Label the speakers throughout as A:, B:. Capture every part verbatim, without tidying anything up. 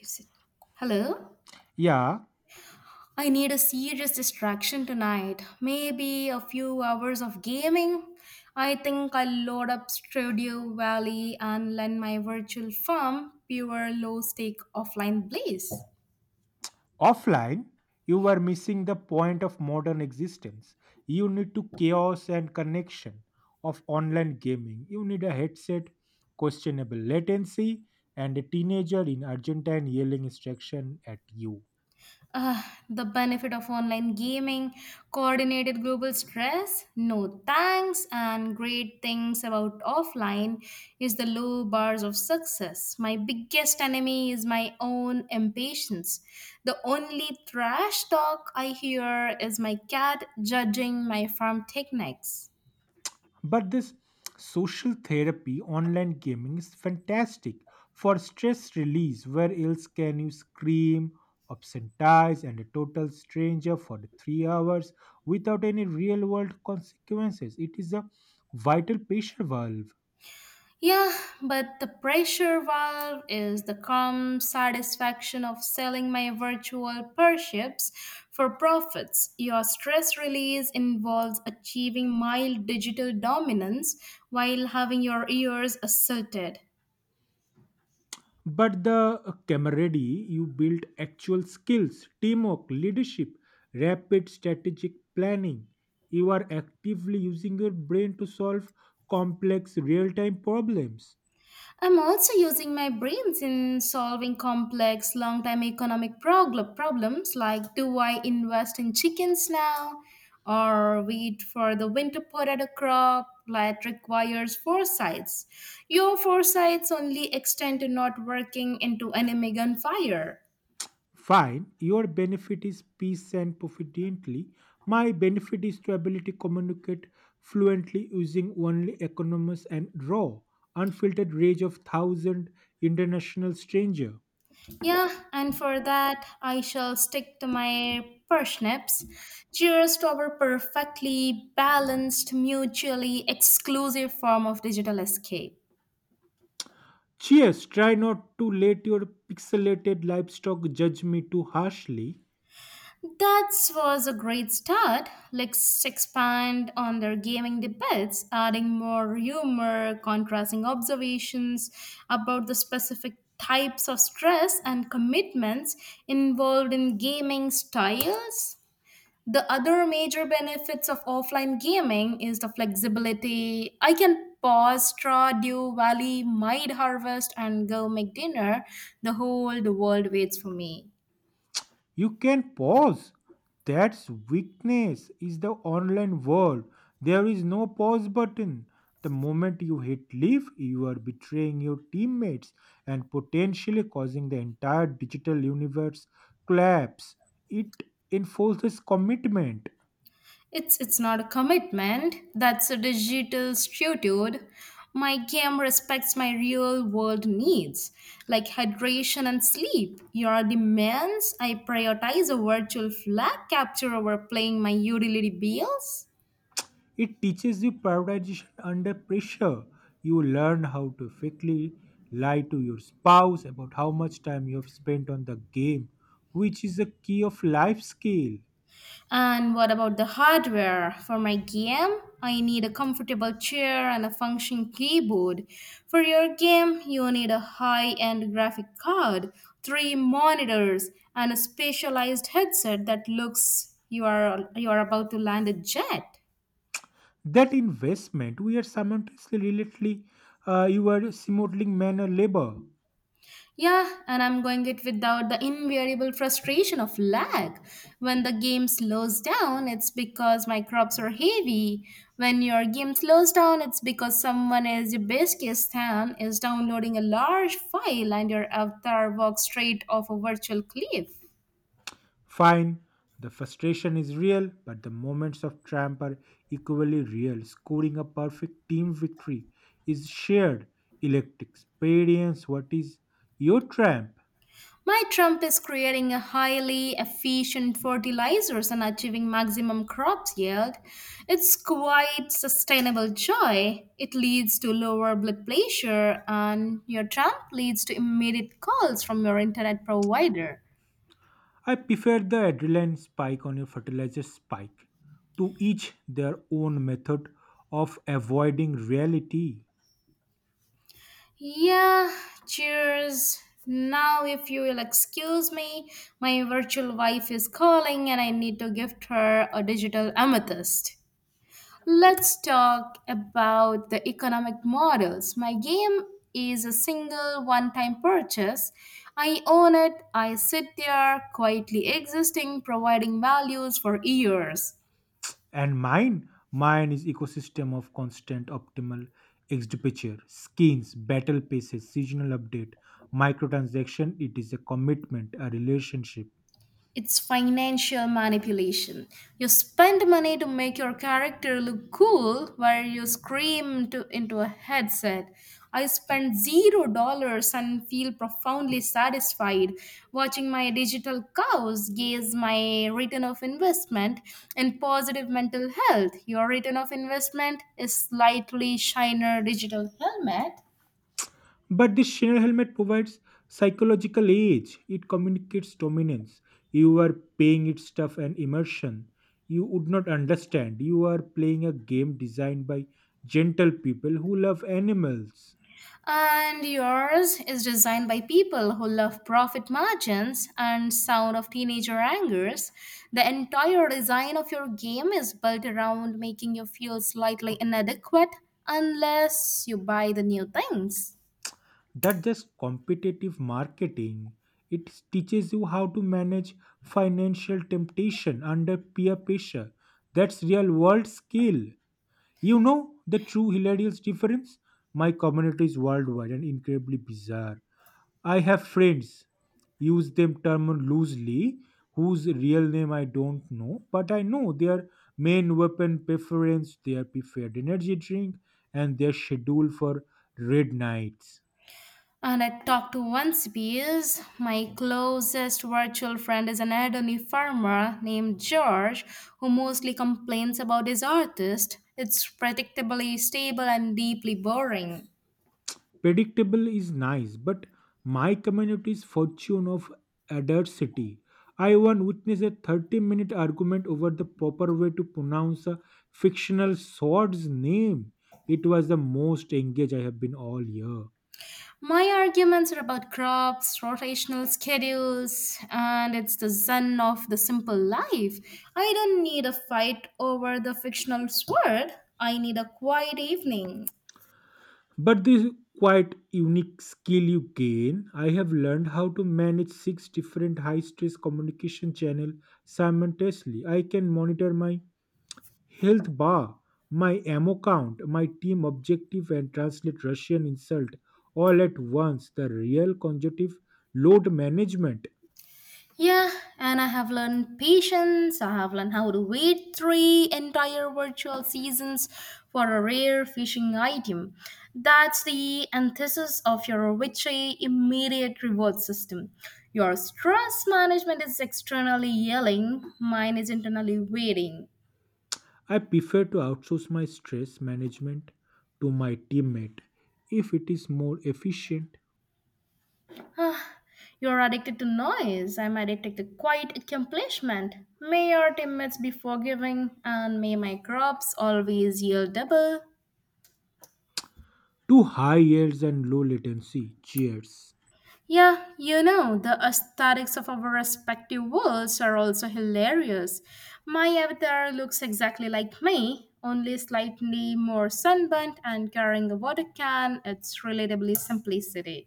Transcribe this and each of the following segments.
A: Is it- Hello?
B: Yeah,
A: I need a serious distraction tonight. Maybe a few hours of gaming? I think I'll load up Studio Valley and lend my virtual farm pure low stake offline blaze.
B: offline, you were missing the point of modern existence. You need to chaos and connection of online gaming. You need a headset, questionable latency, and a teenager in Argentine yelling instruction at you.
A: Ugh, the benefit of online gaming, coordinated global stress, no thanks, and great things about offline is the low bars of success. My biggest enemy is my own impatience. The only trash talk I hear is my cat judging my farm techniques.
B: But this social therapy online gaming is fantastic for stress release. Where else can you scream, obscenize, and a total stranger for the three hours without any real world consequences? It is a vital pressure valve.
A: Yeah, but the pressure valve is the calm satisfaction of selling my virtual pursuits for profits. Your stress release involves achieving mild digital dominance while having your ears asserted.
B: But the camaraderie you build actual skills, teamwork, leadership, rapid strategic planning. You are actively using your brain to solve complex real time problems.
A: I'm also using my brains in solving complex long term economic progl- problems like do I invest in chickens now or wait for the winter potato crop that requires foresights. Your foresights only extend to not working into enemy gunfire.
B: Fine, your benefit is peace and proficiently. My benefit is to ability to communicate fluently using only economist and raw, unfiltered rage of thousand international stranger.
A: Yeah, and for that I shall stick to my parsnips. Cheers to our perfectly balanced, mutually exclusive form of digital escape.
B: Cheers, try not to let your pixelated livestock judge me too harshly.
A: That was a great start. Let's expand on their gaming debates, adding more humor, contrasting observations about the specific types of stress and commitments involved in gaming styles. The other major benefits of offline gaming is the flexibility. I can pause, straw, dew, valley, mide harvest, and go make dinner. The whole the world waits for me.
B: You can pause. That's weakness is the online world. There is no pause button. The moment you hit leave, you are betraying your teammates and potentially causing the entire digital universe collapse. It enforces commitment.
A: It's it's not a commitment, that's a digital statute. My game respects my real world needs, like hydration and sleep. Your demands I prioritize a virtual flag capture over paying my utility bills.
B: It teaches you prioritization under pressure. You learn how to quickly lie to your spouse about how much time you have spent on the game, which is a key of life skill.
A: And what about the hardware? For my game, I need a comfortable chair and a functioning keyboard. For your game, you need a high end graphic card, three monitors, and a specialized headset that looks you are you are about to land a jet.
B: That investment we are simultaneously relatedly uh, your smuggling manner labor.
A: Yeah, and I'm going it without the invariable frustration of lag. When the game slows down, it's because my crops are heavy. When your game slows down, it's because someone is your Uzbekistan is downloading a large file and your avatar walks straight off a virtual cliff.
B: Fine, the frustration is real, but the moments of triumph are equally real. Scoring a perfect team victory is shared electric experience. What is your triumph?
A: My Trump is creating a highly efficient fertilizers and achieving maximum crop yield. It's quite sustainable joy. It leads to lower blood pressure and your Trump leads to immediate calls from your internet provider.
B: I prefer the adrenaline spike on your fertilizer spike. To each their own method of avoiding reality.
A: Yeah, cheers. Now, if you will excuse me, my virtual wife is calling and I need to gift her a digital amethyst. Let's talk about the economic models. My game is a single one time purchase. I own it, I sit there quietly existing, providing values for years.
B: And mine, mine is ecosystem of constant optimal expenditure, skins, battle passes, seasonal update, microtransaction. It is a commitment, a relationship.
A: It's financial manipulation. You spend money to make your character look cool while you scream to, into a headset. I spent zero dollars and feel profoundly satisfied watching my digital cows gaze my return of investment in positive mental health. Your return of investment is slightly shiner digital helmet.
B: But this Shinra helmet provides psychological age. It communicates dominance. You are paying it stuff and immersion. You would not understand. You are playing a game designed by gentle people who love animals.
A: And yours is designed by people who love profit margins and sound of teenager angers. The entire design of your game is built around making you feel slightly inadequate unless you buy the new things.
B: That just competitive marketing, it teaches you how to manage financial temptation under peer pressure. That's real world skill. You know, the true hilarious difference, my community is worldwide and incredibly bizarre. I have friends, use them term loosely, whose real name I don't know, but I know their main weapon preference, their preferred energy drink, and their schedule for raid nights.
A: And I talked to one species. My closest virtual friend is an elderly farmer named George who mostly complains about his artist. It's predictably stable and deeply boring.
B: Predictable is nice, but my community's fortune of adversity. I once witnessed a thirty minute argument over the proper way to pronounce a fictional sword's name. It was the most engaged I have been all year.
A: My arguments are about crops, rotational schedules, and it's the zen of the simple life. I don't need a fight over the fictional sword. I need a quiet evening.
B: But this quite unique skill you gain, I have learned how to manage six different high stress communication channels simultaneously. I can monitor my health bar, my ammo count, my team objective, and translate Russian insult all at once. The real conjunctive load management.
A: Yeah, and I have learned patience. I have learned how to wait three entire virtual seasons for a rare fishing item. That's the antithesis of your witchy immediate reward system. Your stress management is externally yelling, mine is internally waiting.
B: I prefer to outsource my stress management to my teammate if it is more efficient.
A: You're addicted to noise. I'm addicted to quiet accomplishment. May your teammates be forgiving, and may my crops always yield double.
B: Two high yields and low latency. Cheers.
A: Yeah, you know, the aesthetics of our respective worlds are also hilarious. My avatar looks exactly like me, only slightly more sunburnt and carrying a water can. It's relatably simplicity.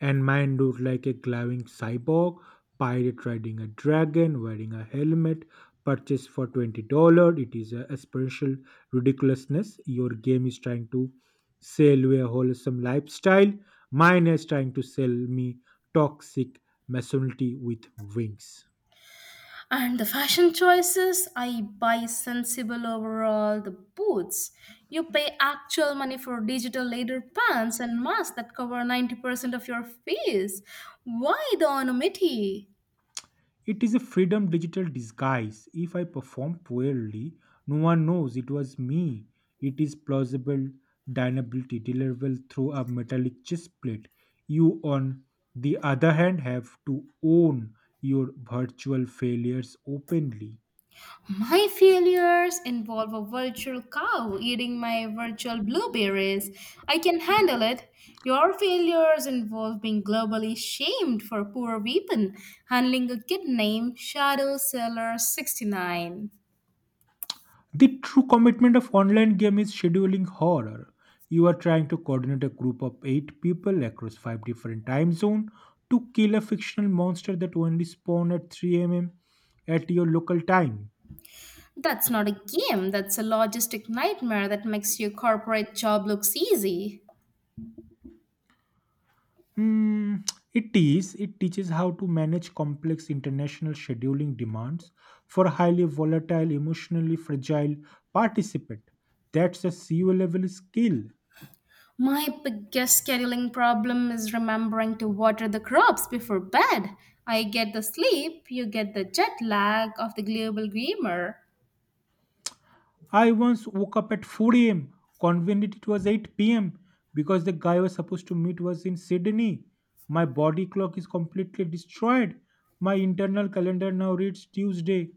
B: And mine looked like a glowing cyborg pirate riding a dragon wearing a helmet purchased for twenty dollars. It is a aspirational ridiculousness. Your game is trying to sell you a wholesome lifestyle, mine is trying to sell me toxic masonry with wings.
A: And the fashion choices, I buy sensible overall the boots. You pay actual money for digital leather pants and masks that cover ninety percent of your face. Why the anonymity?
B: It is a freedom digital disguise. If I perform poorly, no one knows it was me. It is plausible deniability deliverable through a metallic chest plate. You, on the other hand, have to own your virtual failures openly.
A: My failures involve a virtual cow eating my virtual blueberries. I can handle it. Your failures involve being globally shamed for poor weapon, handling a kid named Shadow Seller sixty-nine.
B: The true commitment of online game is scheduling horror. You are trying to coordinate a group of eight people across five different time zones to kill a fictional monster that only spawn at three a m at your local time.
A: That's not a game, that's a logistic nightmare that makes your corporate job looks easy.
B: Hmm, it is. It teaches how to manage complex international scheduling demands for highly volatile, emotionally fragile participant. That's a C E O level skill.
A: My biggest scheduling problem is remembering to water the crops before bed. I get the sleep, you get the jet lag of the global gamer.
B: I once woke up at four a m. Convenient it was eight p m because the guy I was supposed to meet was in Sydney. My body clock is completely destroyed. My internal calendar now reads Tuesday,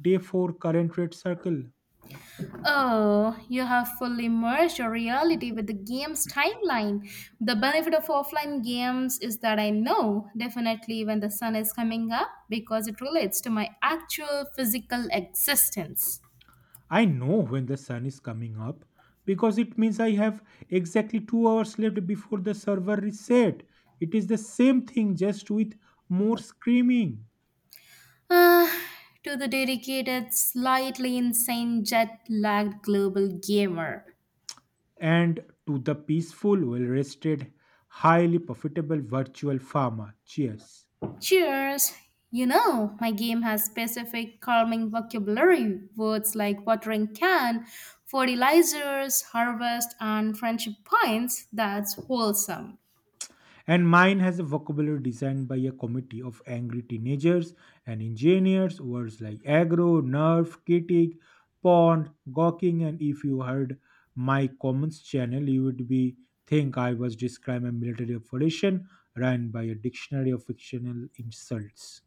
B: day four, current red circle.
A: Oh, you have fully merged your reality with the game's timeline. The benefit of offline games is that I know definitely when the sun is coming up because it relates to my actual physical existence.
B: I know when the sun is coming up because it means I have exactly two hours left before the server reset. It is the same thing just with more screaming.
A: Ah, to the dedicated, slightly insane jet lagged global gamer.
B: And to the peaceful, well rested, highly profitable virtual farmer. Cheers.
A: Cheers! You know, my game has specific calming vocabulary words like watering can, fertilizers, harvest, and friendship points that's wholesome.
B: And mine has a vocabulary designed by a committee of angry teenagers and engineers, words like aggro, nerf, critic, pond, gawking. And if you heard my comments channel, you would be think I was describing a military operation run by a dictionary of fictional insults.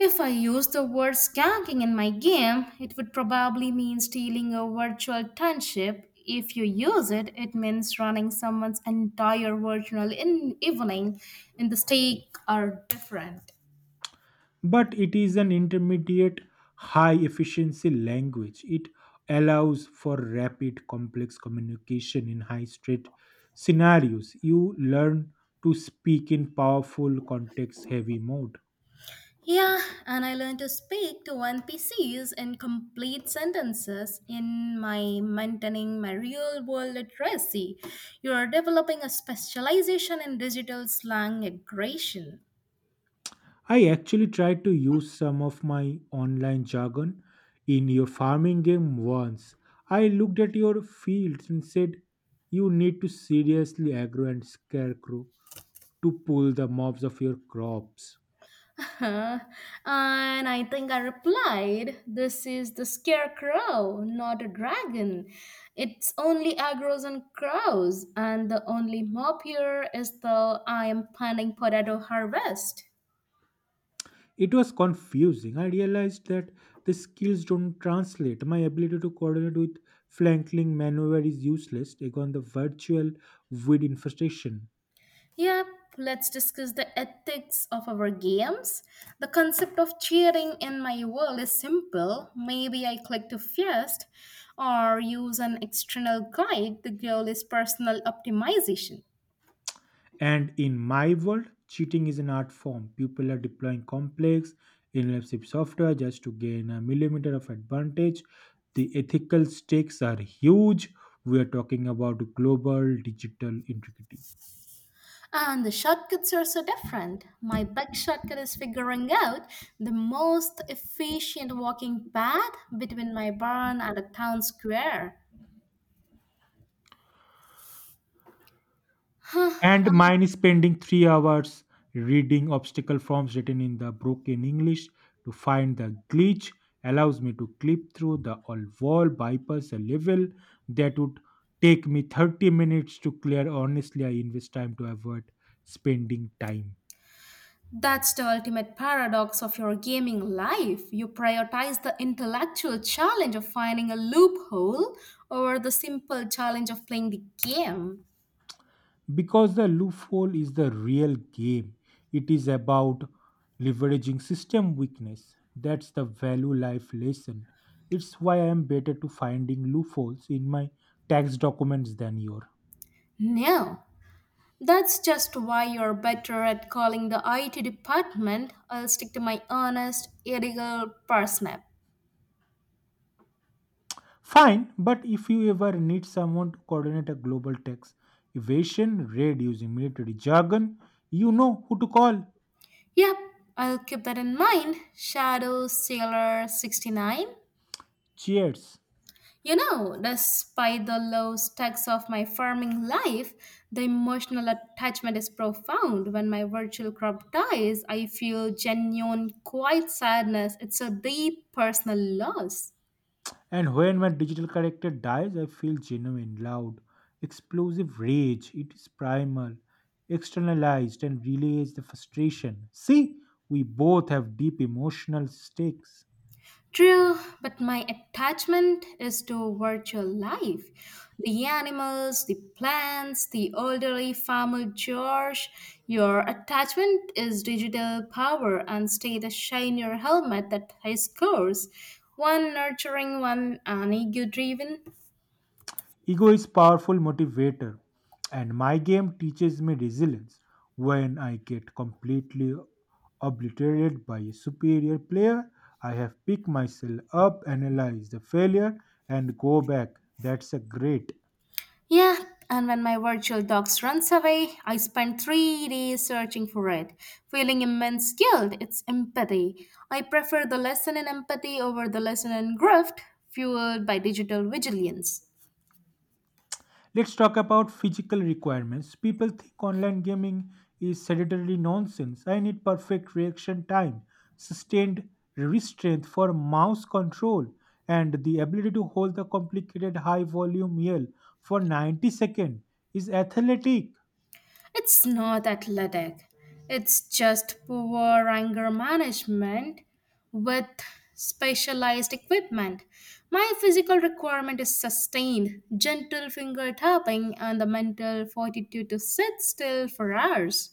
A: If I use the word skanking in my game, it would probably mean stealing a virtual township. If you use it, it means running someone's entire virtual in- evening in the stake are different.
B: But it is an intermediate high efficiency language. It allows for rapid complex communication in high stress scenarios. You learn to speak in powerful context heavy mode.
A: Yeah, and I learned to speak to N P Cs in complete sentences in my maintaining my real world literacy. You are developing a specialization in digital slang aggression.
B: I actually tried to use some of my online jargon in your farming game once. I looked at your fields and said, "You need to seriously aggro and scarecrow to pull the mobs of your crops."
A: And I think I replied, "This is the scarecrow, not a dragon. It's only agros and crows, and the only mop here is the I am planning potato harvest."
B: It was confusing. I realized that the skills don't translate. My ability to coordinate with flanking maneuver is useless on the virtual weed infestation.
A: Yep, let's discuss the ethics of our games. The concept of cheering in my world is simple. Maybe I click to first or use an external guide. The goal is personal optimization.
B: And in my world, cheating is an art form. People are deploying complex, invasive software just to gain a millimeter of advantage. The ethical stakes are huge. We are talking about global digital intricacy.
A: And the shortcuts are so different. My big shortcut is figuring out the most efficient walking path between my barn and a town square.
B: And
A: Huh.
B: mine is spending three hours reading obstacle forms written in the broken English to find the glitch allows me to clip through the all wall bypass a level that would take me thirty minutes to clear. Honestly, I invest time to avoid spending time
A: That's the ultimate paradox of your gaming life. You prioritize the intellectual challenge of finding a loophole over the simple challenge of playing the game.
B: because the loophole is the real game. It is about leveraging system weakness. That's the value life lesson. It's why I am better to finding loopholes in my tax documents than your
A: No, that's just why you're better at calling the I T department. I'll stick to my honest, ethical parsnip.
B: fine. But if you ever need someone to coordinate a global tax evasion raid using military jargon, you know who to call.
A: Yep, I'll keep that in mind. Shadow Sailor sixty-nine.
B: Cheers.
A: You know, despite the low stakes of my farming life, the emotional attachment is profound. When my virtual crop dies, I feel genuine, quiet sadness. It's a deep personal loss.
B: And when my digital character dies, I feel genuine, loud, explosive rage. It is primal, externalized, and relays the frustration. See, we both have deep emotional stakes.
A: True, but my attachment is to virtual life. The animals, the plants, the elderly farmer George. Your attachment is digital power and stay the shine your helmet that high scores. One nurturing, one an ego driven.
B: Ego is powerful motivator, and my game teaches me resilience. When I get completely obliterated by a superior player, I have picked myself up, analyze the failure, and go back. That's a great.
A: Yeah, and when my virtual dogs runs away, I spend three days searching for it, feeling immense guilt. It's empathy. I prefer the lesson in empathy over the lesson in grift, fueled by digital vigilance.
B: Let's talk about physical requirements. People think online gaming is sedentary nonsense. I need perfect reaction time, sustained wrist strength for mouse control, and the ability to hold the complicated high volume yell for ninety seconds is athletic.
A: It's not athletic. It's just poor anger management with specialized equipment. My physical requirement is sustained, gentle finger tapping, and the mental fortitude to sit still for hours.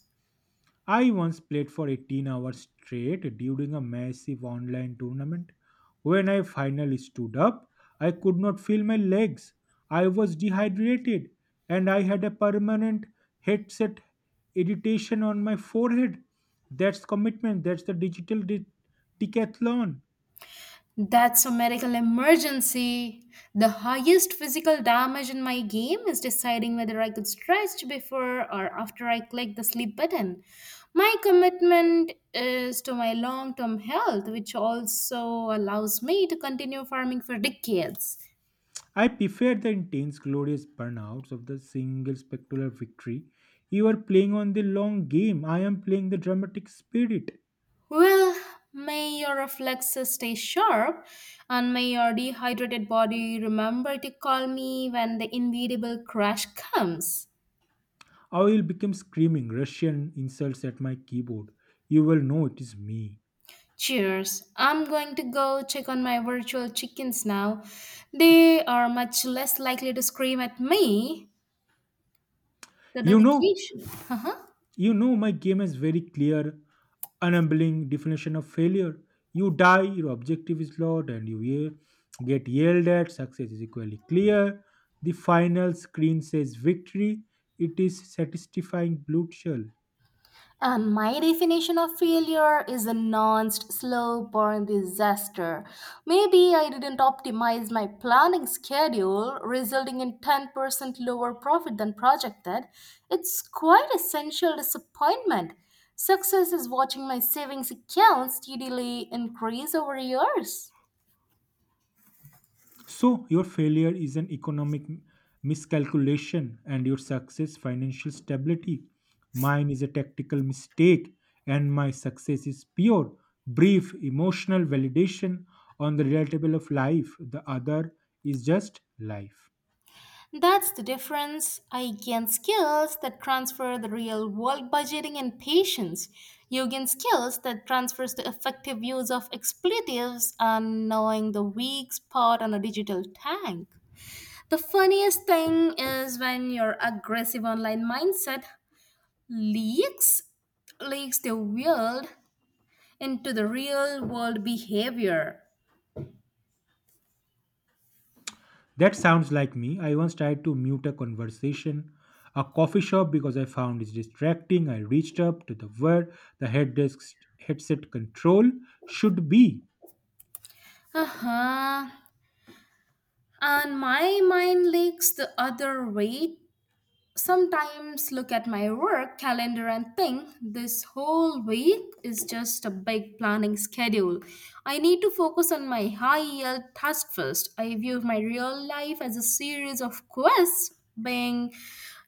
B: I once played for eighteen hours straight during a massive online tournament. When I finally stood up, I could not feel my legs. I was dehydrated and I had a permanent headset irritation on my forehead. That's commitment, that's the digital de- decathlon.
A: That's a medical emergency. The highest physical damage in my game is deciding whether I could stretch before or after I click the sleep button. My commitment is to my long term health, which also allows me to continue farming for decades.
B: I prefer the intense, glorious burnouts of the single spectacular victory. You are playing on the long game, I am playing the dramatic spirit.
A: Well, may your reflexes stay sharp and may your dehydrated body remember to call me when the inevitable crash comes.
B: I will become screaming Russian insults at my keyboard. You will know it is me.
A: Cheers. I'm going to go check on my virtual chickens now. They are much less likely to scream at me. The
B: You know,
A: dedication. Uh-huh.
B: you know my game has very clear, unambling definition of failure. You die, your objective is lost, and you ye- get yelled at. Success is equally clear. The final screen says victory. It is satisfying blue shell.
A: And my definition of failure is a nuanced, slow burn disaster. Maybe I didn't optimize my planning schedule, resulting in ten percent lower profit than projected. It's quite essential disappointment. Success is watching my savings account steadily increase over years.
B: So, your failure is an economic m- miscalculation and your success financial stability. Mine is a tactical mistake and my success is pure, brief, emotional validation on the relatable of life. The other is just life.
A: That's the difference. I gain skills that transfer the real world budgeting and patience. You gain skills that transfers the effective use of expletives and knowing the weak spot on a digital tank. The funniest thing is when your aggressive online mindset leaks leaks the world into the real world behavior.
B: That sounds like me. I once tried to mute a conversation, a coffee shop because I found it distracting. I reached up to the where the head desk headset control should be.
A: Uh-huh. And my mind leaks the other way sometimes look at my work calendar and think this whole week is just a big planning schedule. I need to focus on my high yield task first. I view my real life as a series of quests being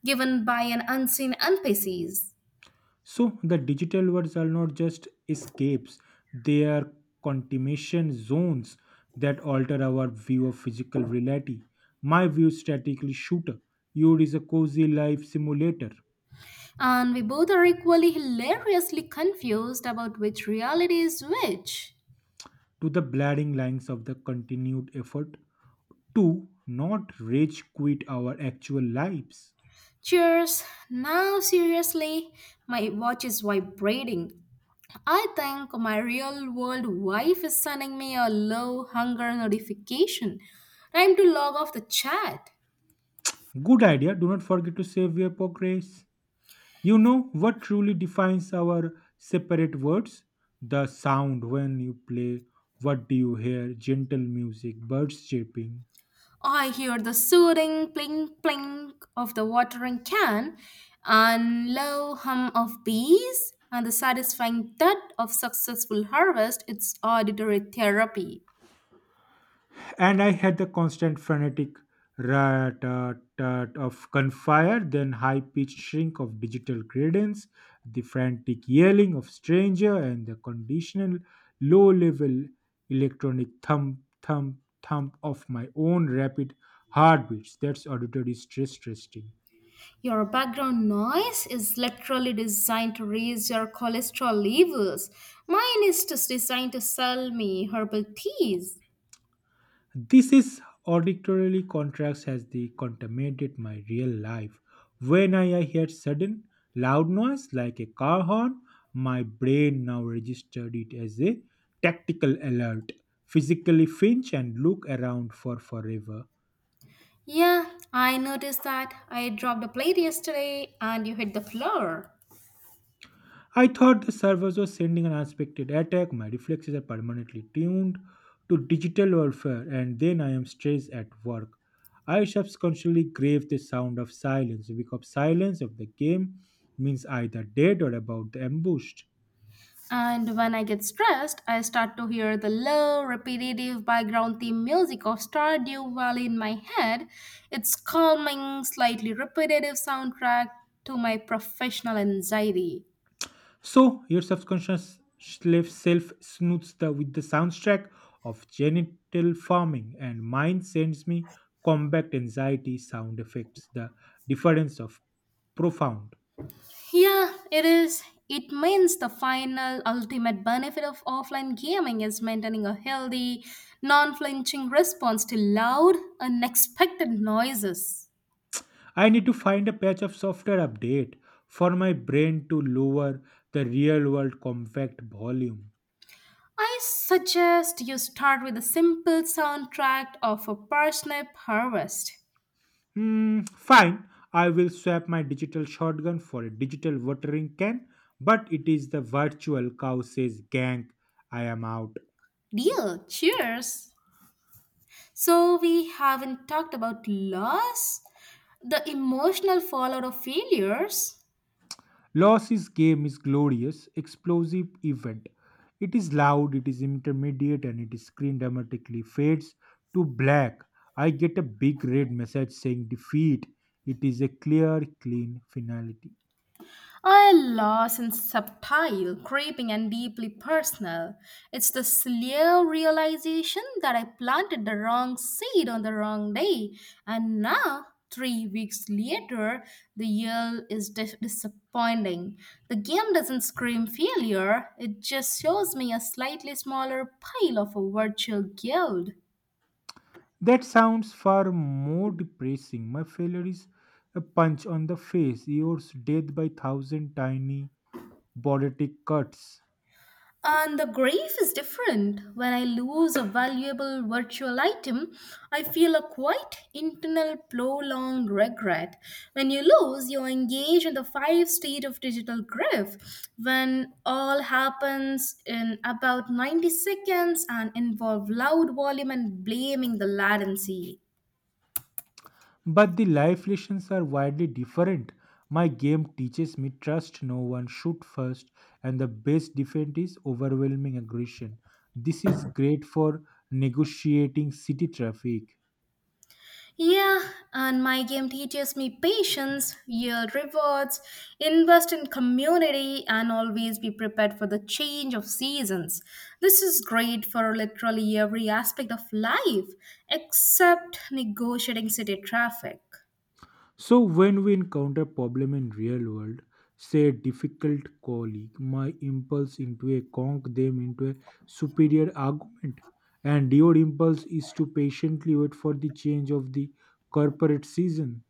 A: given by an unseen N P Cs.
B: So the digital worlds are not just escapes, they are continuation zones that alter our view of physical reality. My view statically shooter. Yours is a cozy life simulator
A: And we both are equally hilariously confused about which reality is which.
B: to the blaring lines of the continued effort to not rage quit our actual lives.
A: Cheers! Now, seriously, my watch is vibrating. I think my real world wife is sending me a low hunger notification. Time to log off the chat.
B: Good idea. Do not forget to save your progress. You know what truly defines our separate words? The sound when you play. What do you hear? Gentle music, birds chirping.
A: I hear the soothing plink plink of the watering can and low hum of bees and the satisfying thud of successful harvest. It's auditory therapy.
B: And I had the constant frenetic rat tat tat of gunfire, then high pitched shrink of digital cadence, the frantic yelling of stranger, and the conditional low level electronic thump thump thump of my own rapid heartbeats. That's auditory stress testing.
A: Your background noise is literally designed to raise your cholesterol levels. Mine is just designed to sell me herbal teas.
B: This is auditorily contrast has the contaminated my real life. When I hear sudden loud noise like a car horn, my brain now registered it as a tactical alert. Physically flinch and look around for forever.
A: Yeah, I noticed that. I dropped a plate yesterday and you hit the floor.
B: I thought the servers were sending an unexpected attack. My reflexes are permanently tuned to digital warfare, and then I am stressed at work. I subconsciously crave the sound of silence because silence of the game means either dead or about the ambushed.
A: And when I get stressed, I start to hear the low, repetitive background theme music of Stardew Valley in my head. It's calming, slightly repetitive soundtrack to my professional anxiety.
B: So your subconscious self self snoots the with the soundtrack of genital farming, and mine sends me combat anxiety sound effects. The difference of profound.
A: Yeah, it is. It means the final ultimate benefit of offline gaming is maintaining a healthy, non flinching response to loud, unexpected noises.
B: I need to find a patch of software update for my brain to lower the real world compact volume.
A: I suggest you start with a simple soundtrack of a parsnip harvest.
B: Hmm, fine. I will swap my digital shotgun for a digital watering can, but it is the virtual cow says gang. I am out.
A: Deal, cheers! So, we haven't talked about loss, the emotional fallout of failures.
B: Loss's game is glorious, explosive event. It is loud, it is intermediate, and its screen dramatically fades to black. I get a big red message saying defeat. It is a clear, clean finality.
A: I lost in subtle, creeping and deeply personal. It's the slow realization that I planted the wrong seed on the wrong day, and now, three weeks later, the yield is dis- disappointing. The game doesn't scream failure, it just shows me a slightly smaller pile of a virtual guild.
B: That sounds far more depressing. My failure is a punch on the face, yours death by thousand tiny, bordetic cuts.
A: And the grief is different. When I lose a valuable virtual item, I feel a quite internal prolonged regret. When you lose, you engage in the five state of digital grief. When all happens in about ninety seconds and involve loud volume and blaming the latency.
B: But the life lessons are widely different. My game teaches me trust no one, shoot first, and the best defense is overwhelming aggression. This is great for negotiating city traffic.
A: Yeah, and my game teaches me patience, yield rewards, invest in community, and always be prepared for the change of seasons. This is great for literally every aspect of life except negotiating city traffic.
B: So when we encounter problem in real world, say a difficult colleague, my impulse into a conk them into a superior argument, and your impulse is to patiently wait for the change of the corporate season.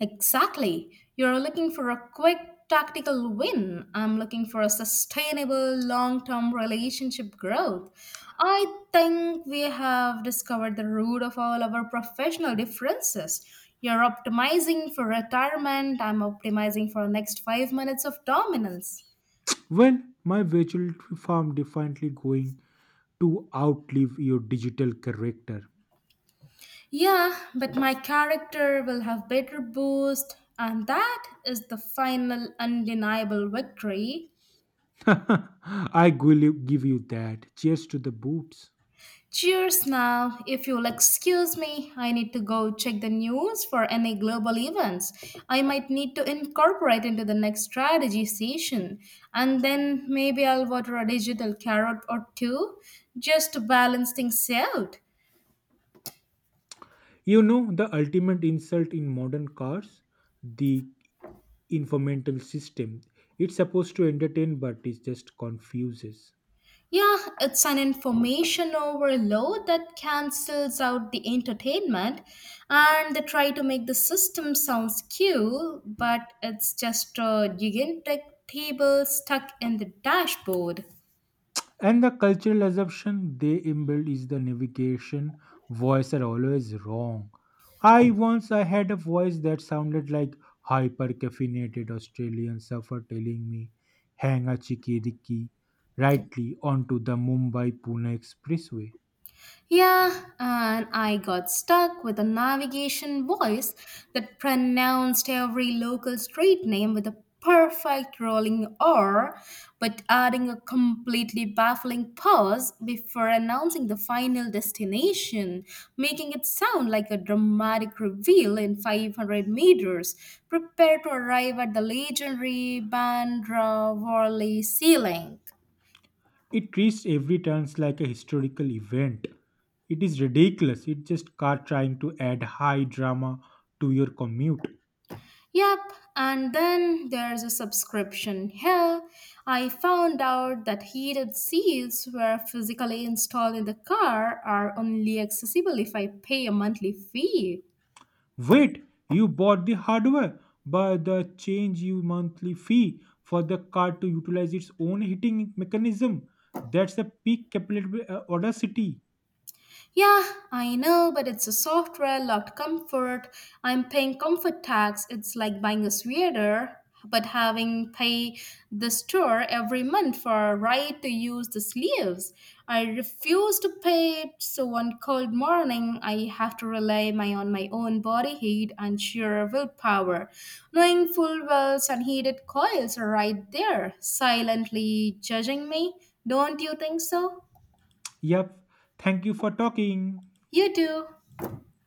A: Exactly. You're looking for a quick tactical win. I'm looking for a sustainable long term relationship growth. I think we have discovered the root of all our professional differences. You're optimizing for retirement, I'm optimizing for next five minutes of dominance.
B: When my virtual farm definitely going to outlive your digital character.
A: Yeah, but my character will have better boost, and that is the final undeniable victory.
B: I will give you that. Cheers to the boots.
A: Cheers now. If you'll excuse me, I need to go check the news for any global events I might need to incorporate into the next strategy session. And then maybe I'll water a digital carrot or two just to balance things out.
B: You know the ultimate insult in modern cars? The informational system. It's supposed to entertain but it just confuses.
A: Yeah, it's an information overload that cancels out the entertainment and they try to make the system sounds cool, but it's just a gigantic table stuck in the dashboard.
B: And the cultural assumption they inbuilt is the navigation voice are always wrong. I once I had a voice that sounded like hyper caffeinated Australian surfer telling me hang a chikiriki rightly onto the Mumbai Pune expressway.
A: Yeah, and I got stuck with a navigation voice that pronounced every local street name with a perfect rolling R, but adding a completely baffling pause before announcing the final destination, making it sound like a dramatic reveal in five hundred meters. Prepare to arrive at the legendary Bandra Worli Sea Link.
B: It reached every turns like a historical event. It is ridiculous. It's just car trying to add high drama to your commute.
A: Yep, and then there's a subscription. Hell, I found out that heated seats were physically installed in the car are only accessible if I pay a monthly fee.
B: Wait, you bought the hardware, but the change you monthly fee for the card to utilize its own heating mechanism. That's a peak capillary uh, audacity.
A: Yeah, I know, but it's a software locked comfort. I'm paying comfort tax. It's like buying a sweater, but having pay the store every month for a right to use the sleeves. I refuse to pay it, so one cold morning I have to rely my on my own body heat and sheer willpower, knowing full well unheated coils are right there, silently judging me. Don't you think so?
B: Yep. Thank you for talking.
A: You do.